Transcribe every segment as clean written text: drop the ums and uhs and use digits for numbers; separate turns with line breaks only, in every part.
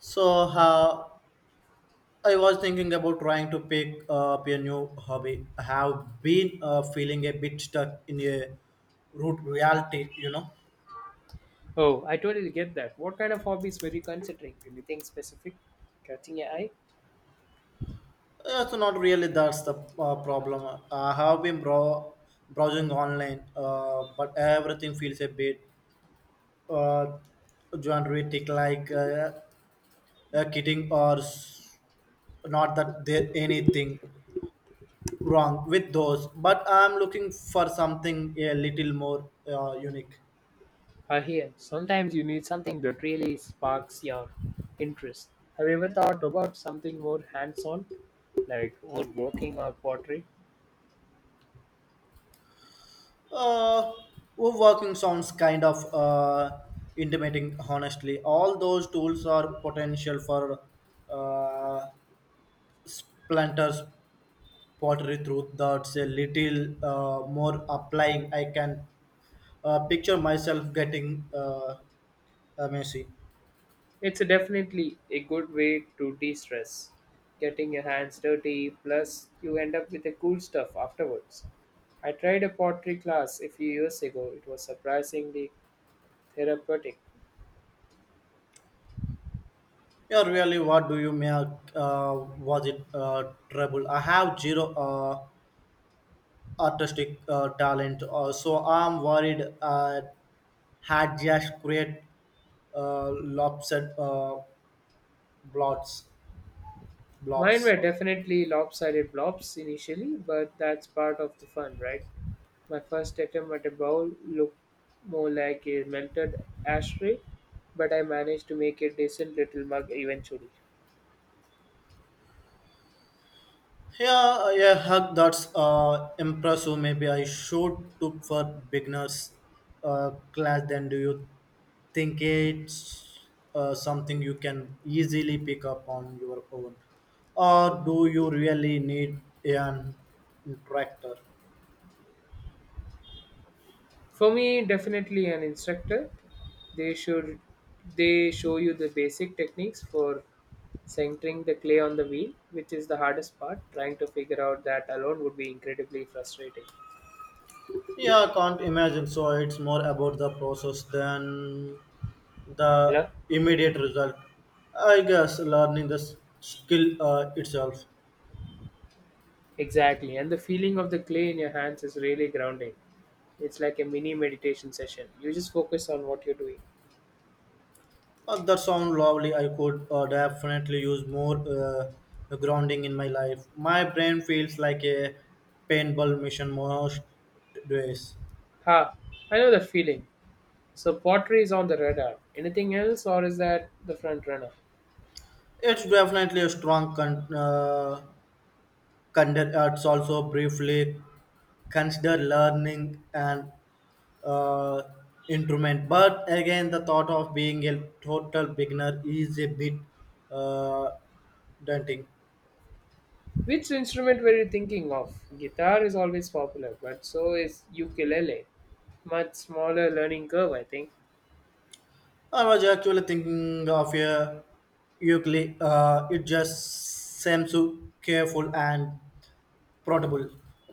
So uh, I was thinking about trying to pick up a new hobby. I have been feeling a bit stuck in a root reality, you know.
Oh, I totally get that. What kind of hobbies were you considering? Anything specific catching your eye?
So not really, that's the problem. I have been browsing online, but everything feels a bit uh, generic, like kidding or not that there anything wrong with those. But I'm looking for something a little more unique.
I hear sometimes you need something that really sparks your interest. Have you ever thought about something more hands-on, like woodworking or pottery?
Uh, Overworking sounds kind of intimidating, honestly. All those tools are potential for uh, splinters, pottery through that's a little more applying. I can picture myself getting messy.
It's definitely a good way to de-stress, getting your hands dirty. Plus, you end up with the cool stuff afterwards. I tried a pottery class a few years ago. It was surprisingly therapeutic.
Yeah, really, what do you make? Was it trouble? I have zero artistic talent, so I'm worried. Had just create lopsided blobs. Blobs,
Mine were
sorry.
definitely lopsided blobs initially, but that's part of the fun, right? My first attempt at a bowl looked more like a melted ashtray, but I managed to make a decent little mug eventually.
Yeah, yeah, hug, that's impressive. Maybe I should took for beginners class. Then do you think it's something you can easily pick up on your own, or do you really need an instructor?
For me, definitely an instructor. They should they show you the basic techniques for centering the clay on the wheel, which is the hardest part. Trying to figure out that alone would be incredibly frustrating.
Yeah, I can't imagine. So it's more about the process than the
Hello?
immediate result. I guess learning the skill itself.
Exactly. And the feeling of the clay in your hands is really grounding. It's like a mini meditation session. You just focus on what you're doing.
That sounds lovely. I could definitely use more grounding in my life. My brain feels like a paintball mission most days.
Ha, I know the feeling. So pottery is on the radar. Anything else or is that the front runner?
It's definitely a strong it's also briefly consider learning an uh, instrument, but again, the thought of being a total beginner is a bit uh, daunting.
Which instrument were you thinking of? Guitar is always popular, but so is ukulele. Much smaller learning curve, I think.
I was actually thinking of a ukulele. It just seems so careful and portable.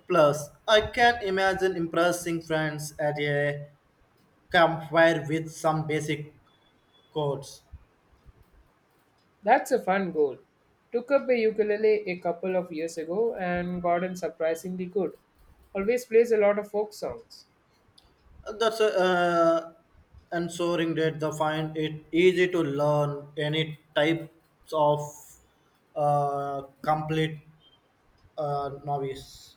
Plus, I can imagine impressing friends at a campfire with some basic chords.
That's a fun goal. Took up a ukulele a couple of years ago and gotten surprisingly good. Always plays a lot of folk songs.
That's a, and soaring did the find it easy to learn any types of complete novice.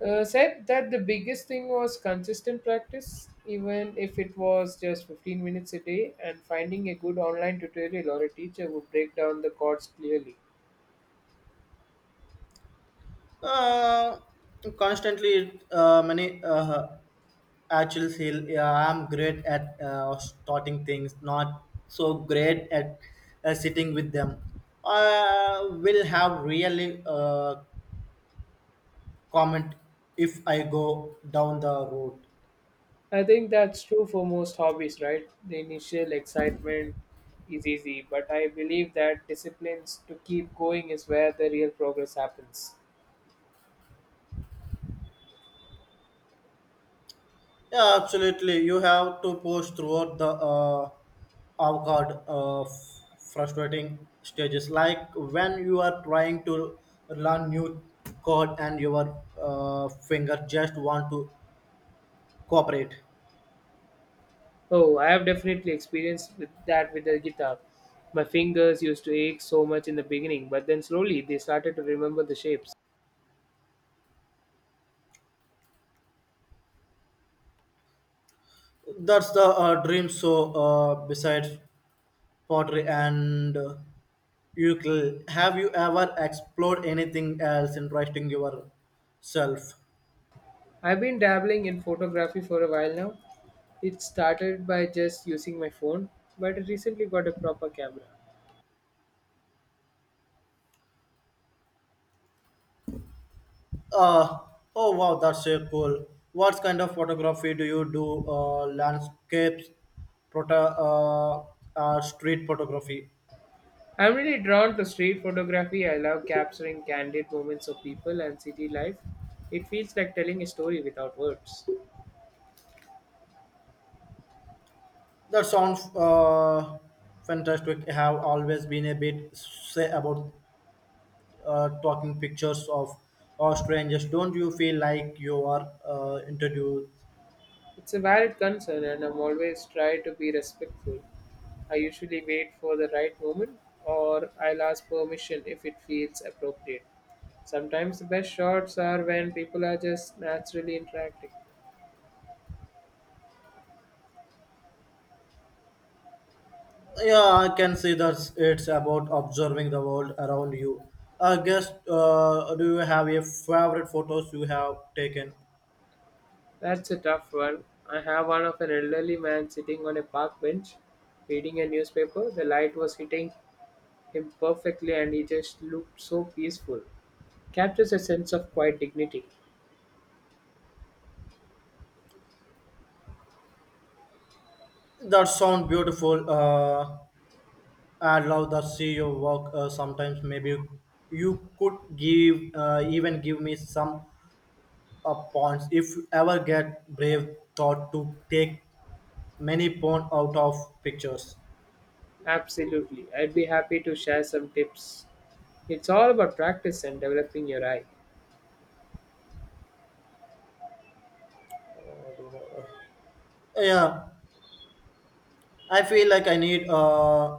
Said that the biggest thing was consistent practice, even if it was just 15 minutes a day, and finding a good online tutorial or a teacher who break down the chords clearly.
Uh, Constantly, many actually feel, yeah, I'm great at starting things, not so great at sitting with them. I will have really comment if I go down the road.
I think that's true for most hobbies, right? The initial excitement is easy, but I believe that disciplines to keep going is where the real progress happens.
Yeah, absolutely. You have to push throughout the avant-garde frustrating stages, like when you are trying to learn new chord and your finger just want to cooperate.
Oh, I have definitely experienced with that with the guitar. My fingers used to ache so much in the beginning, but then slowly they started to remember the shapes.
That's the dream. So, besides pottery and ukulele, have you ever explored anything else interesting yourself?
I've been dabbling in photography for a while now. It started by just using my phone, but I recently got a proper camera.
Uh, oh wow, that's so cool. What kind of photography do you do? Landscapes, proto- uh, street photography?
I'm really drawn to street photography. I love capturing candid moments of people and city life. It feels like telling a story without words.
That sounds fantastic. I have always been a bit say about talking pictures of or strangers. Don't you feel like you are introduced?
It's a valid concern, and I'm always try to be respectful. I usually wait for the right moment, or I'll ask permission if it feels appropriate. Sometimes the best shots are when people are just naturally interacting.
Yeah, I can see that. It's about observing the world around you. I guess, do you have a favorite photos you have taken?
That's a tough one. I have one of an elderly man sitting on a park bench reading a newspaper. The light was hitting him perfectly and he just looked so peaceful. Captures a sense of quiet dignity.
That sound beautiful. I love to see your work. Sometimes maybe you could give even give me some points if you ever get brave thought to take many points out of pictures.
Absolutely. I'd be happy to share some tips. It's all about practice and developing your eye.
Yeah, I feel like I need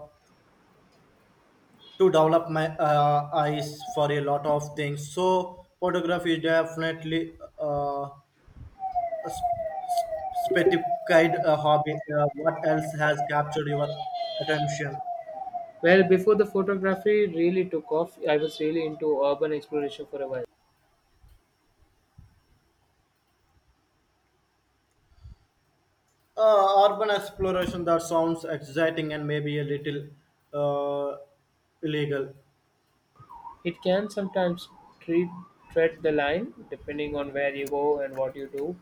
to develop my eyes for a lot of things. So photography is definitely a sp- specified hobby, what else has captured your attention?
Well, before the photography really took off, I was really into urban exploration for a while.
Urban exploration, that sounds exciting and maybe a little uh, illegal.
It can sometimes tread tread the line depending on where you go and what you do.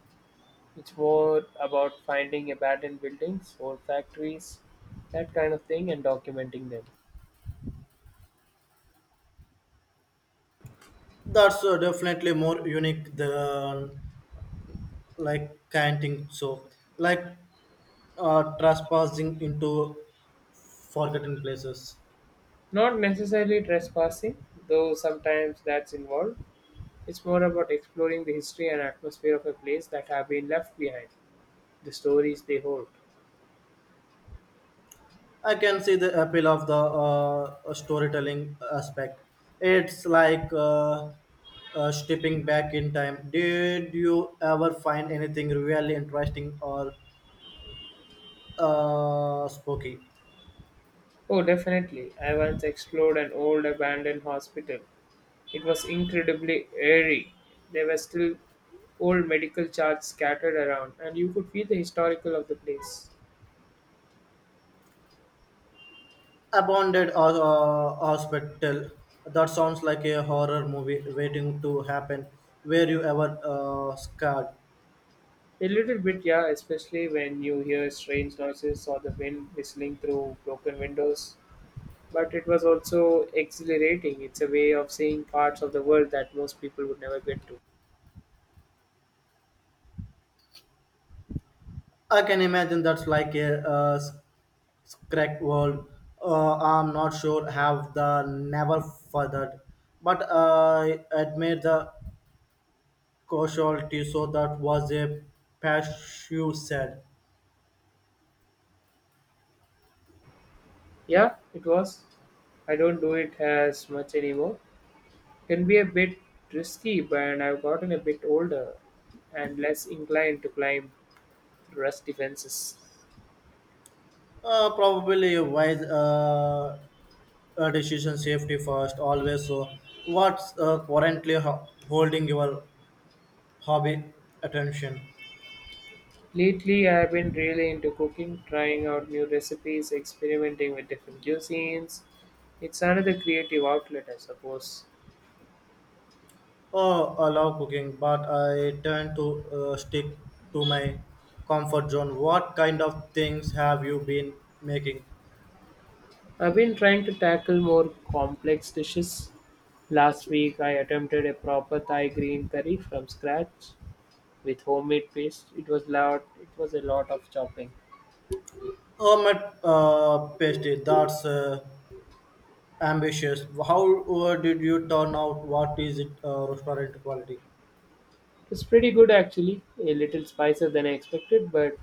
It's more about finding abandoned buildings, old factories, that kind of thing, and documenting them.
That's definitely more unique than like canting. So, like trespassing into forgotten places.
Not necessarily trespassing, though sometimes that's involved. It's more about exploring the history and atmosphere of a place that have been left behind, the stories they hold.
I can see the appeal of the storytelling aspect. It's like stepping back in time. Did you ever find anything really interesting or spooky?
Oh, definitely. I once explored an old abandoned hospital. It was incredibly eerie. There were still old medical charts scattered around, and you could feel the historical of the place.
Abandoned or hospital. That sounds like a horror movie waiting to happen. Were you ever scared?
A little bit, yeah, especially when you hear strange noises or the wind whistling through broken windows. But it was also exhilarating. It's a way of seeing parts of the world that most people would never get to.
I can imagine that's like a crack world. I'm not sure have the never furthered, but I admire the casualty. So that was a patch, you said.
Yeah, it was. I don't do it as much anymore. Can be a bit risky, but I've gotten a bit older and less inclined to climb rust defenses.
Probably wise decision, safety first always. So what's currently holding your hobby attention?
Lately, I've been really into cooking, trying out new recipes, experimenting with different cuisines. It's another creative outlet, I suppose.
Oh, I love cooking, but I tend to stick to my comfort zone. What kind of things have you been making?
I've been trying to tackle more complex dishes. Last week, I attempted a proper Thai green curry from scratch with homemade paste. It was a lot of chopping.
Hermit pasty, that's ambitious. How did you turn out? What is it, restaurant quality?
It was pretty good actually. A little spicier than I expected, but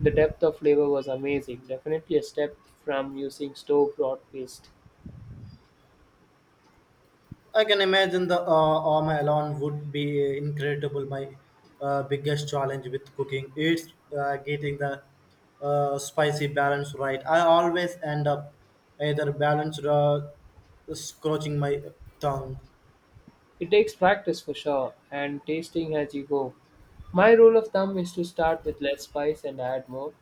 the depth of flavor was amazing. Definitely a step from using store-bought paste.
I can imagine the Oma alone would be incredible. My biggest challenge with cooking is getting the spicy balance right. I always end up either balanced or scorching my tongue.
It takes practice for sure, and tasting as you go. My rule of thumb is to start with less spice and add more.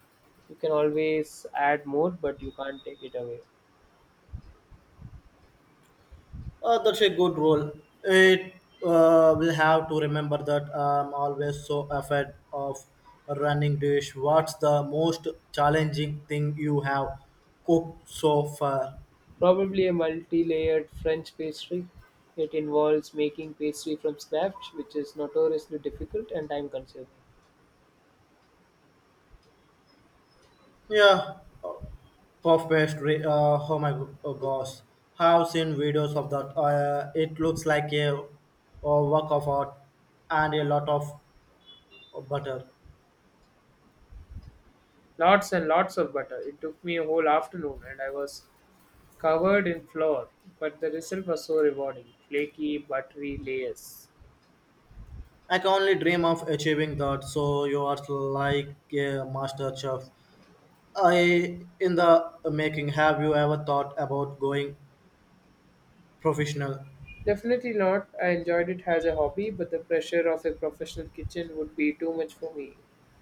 You can always add more, but you can't take it away.
That's a good rule. It will have to remember that. I'm always so afraid of running dish. What's the most challenging thing you have cooked so far?
Probably a multi layered French pastry. It involves making pastry from scratch, which is notoriously difficult and time consuming.
Yeah, uh, puff pastry. Oh my oh gosh, have seen videos of that. It looks like a work of art and a lot of butter.
Lots and lots of butter. It took me a whole afternoon and I was covered in flour, but the result was so rewarding flaky, buttery layers.
I can only dream of achieving that. So you are like a master chef. I in the making. Have you ever thought about going professional?
Definitely not. I enjoyed it as a hobby, but the pressure of a professional kitchen would be too much for me.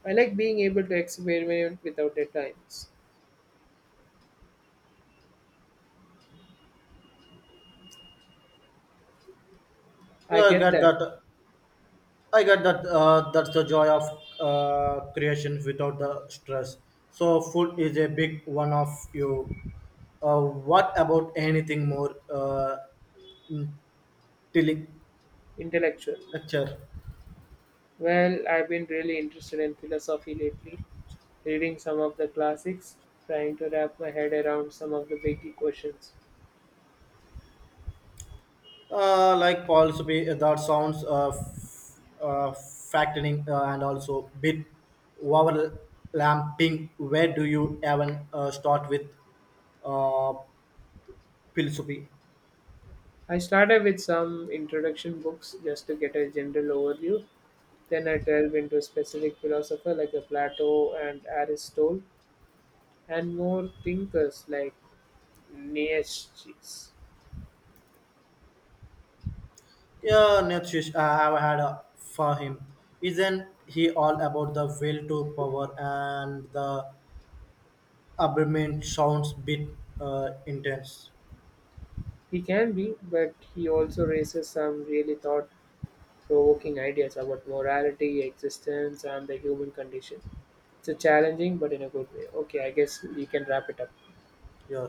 I like being able to experiment without deadlines.
Yeah,
I
I
get
get
that.
that. I get that. That's the joy of creation without the stress. So food is a big one of you. What about anything more
Intellectual.
intellectual?
Well, I've been really interested in philosophy lately, reading some of the classics, trying to wrap my head around some of the big questions.
Like Paul's be, that sounds fattening and also bit overlapping. Where do you even start with uh, philosophy?
I started with some introduction books just to get a general overview. Then I delve into a specific philosopher like a Plato and Aristotle. And more thinkers like Nietzsche.
Yeah, Nietzsche, I have had for him. Isn't he all about the will to power and the abandonment? Sounds bit intense.
He can be, but he also raises some really thought provoking ideas about morality, existence, and the human condition. It's a challenging but in a good way. Okay, I guess we can wrap it up.
Yeah.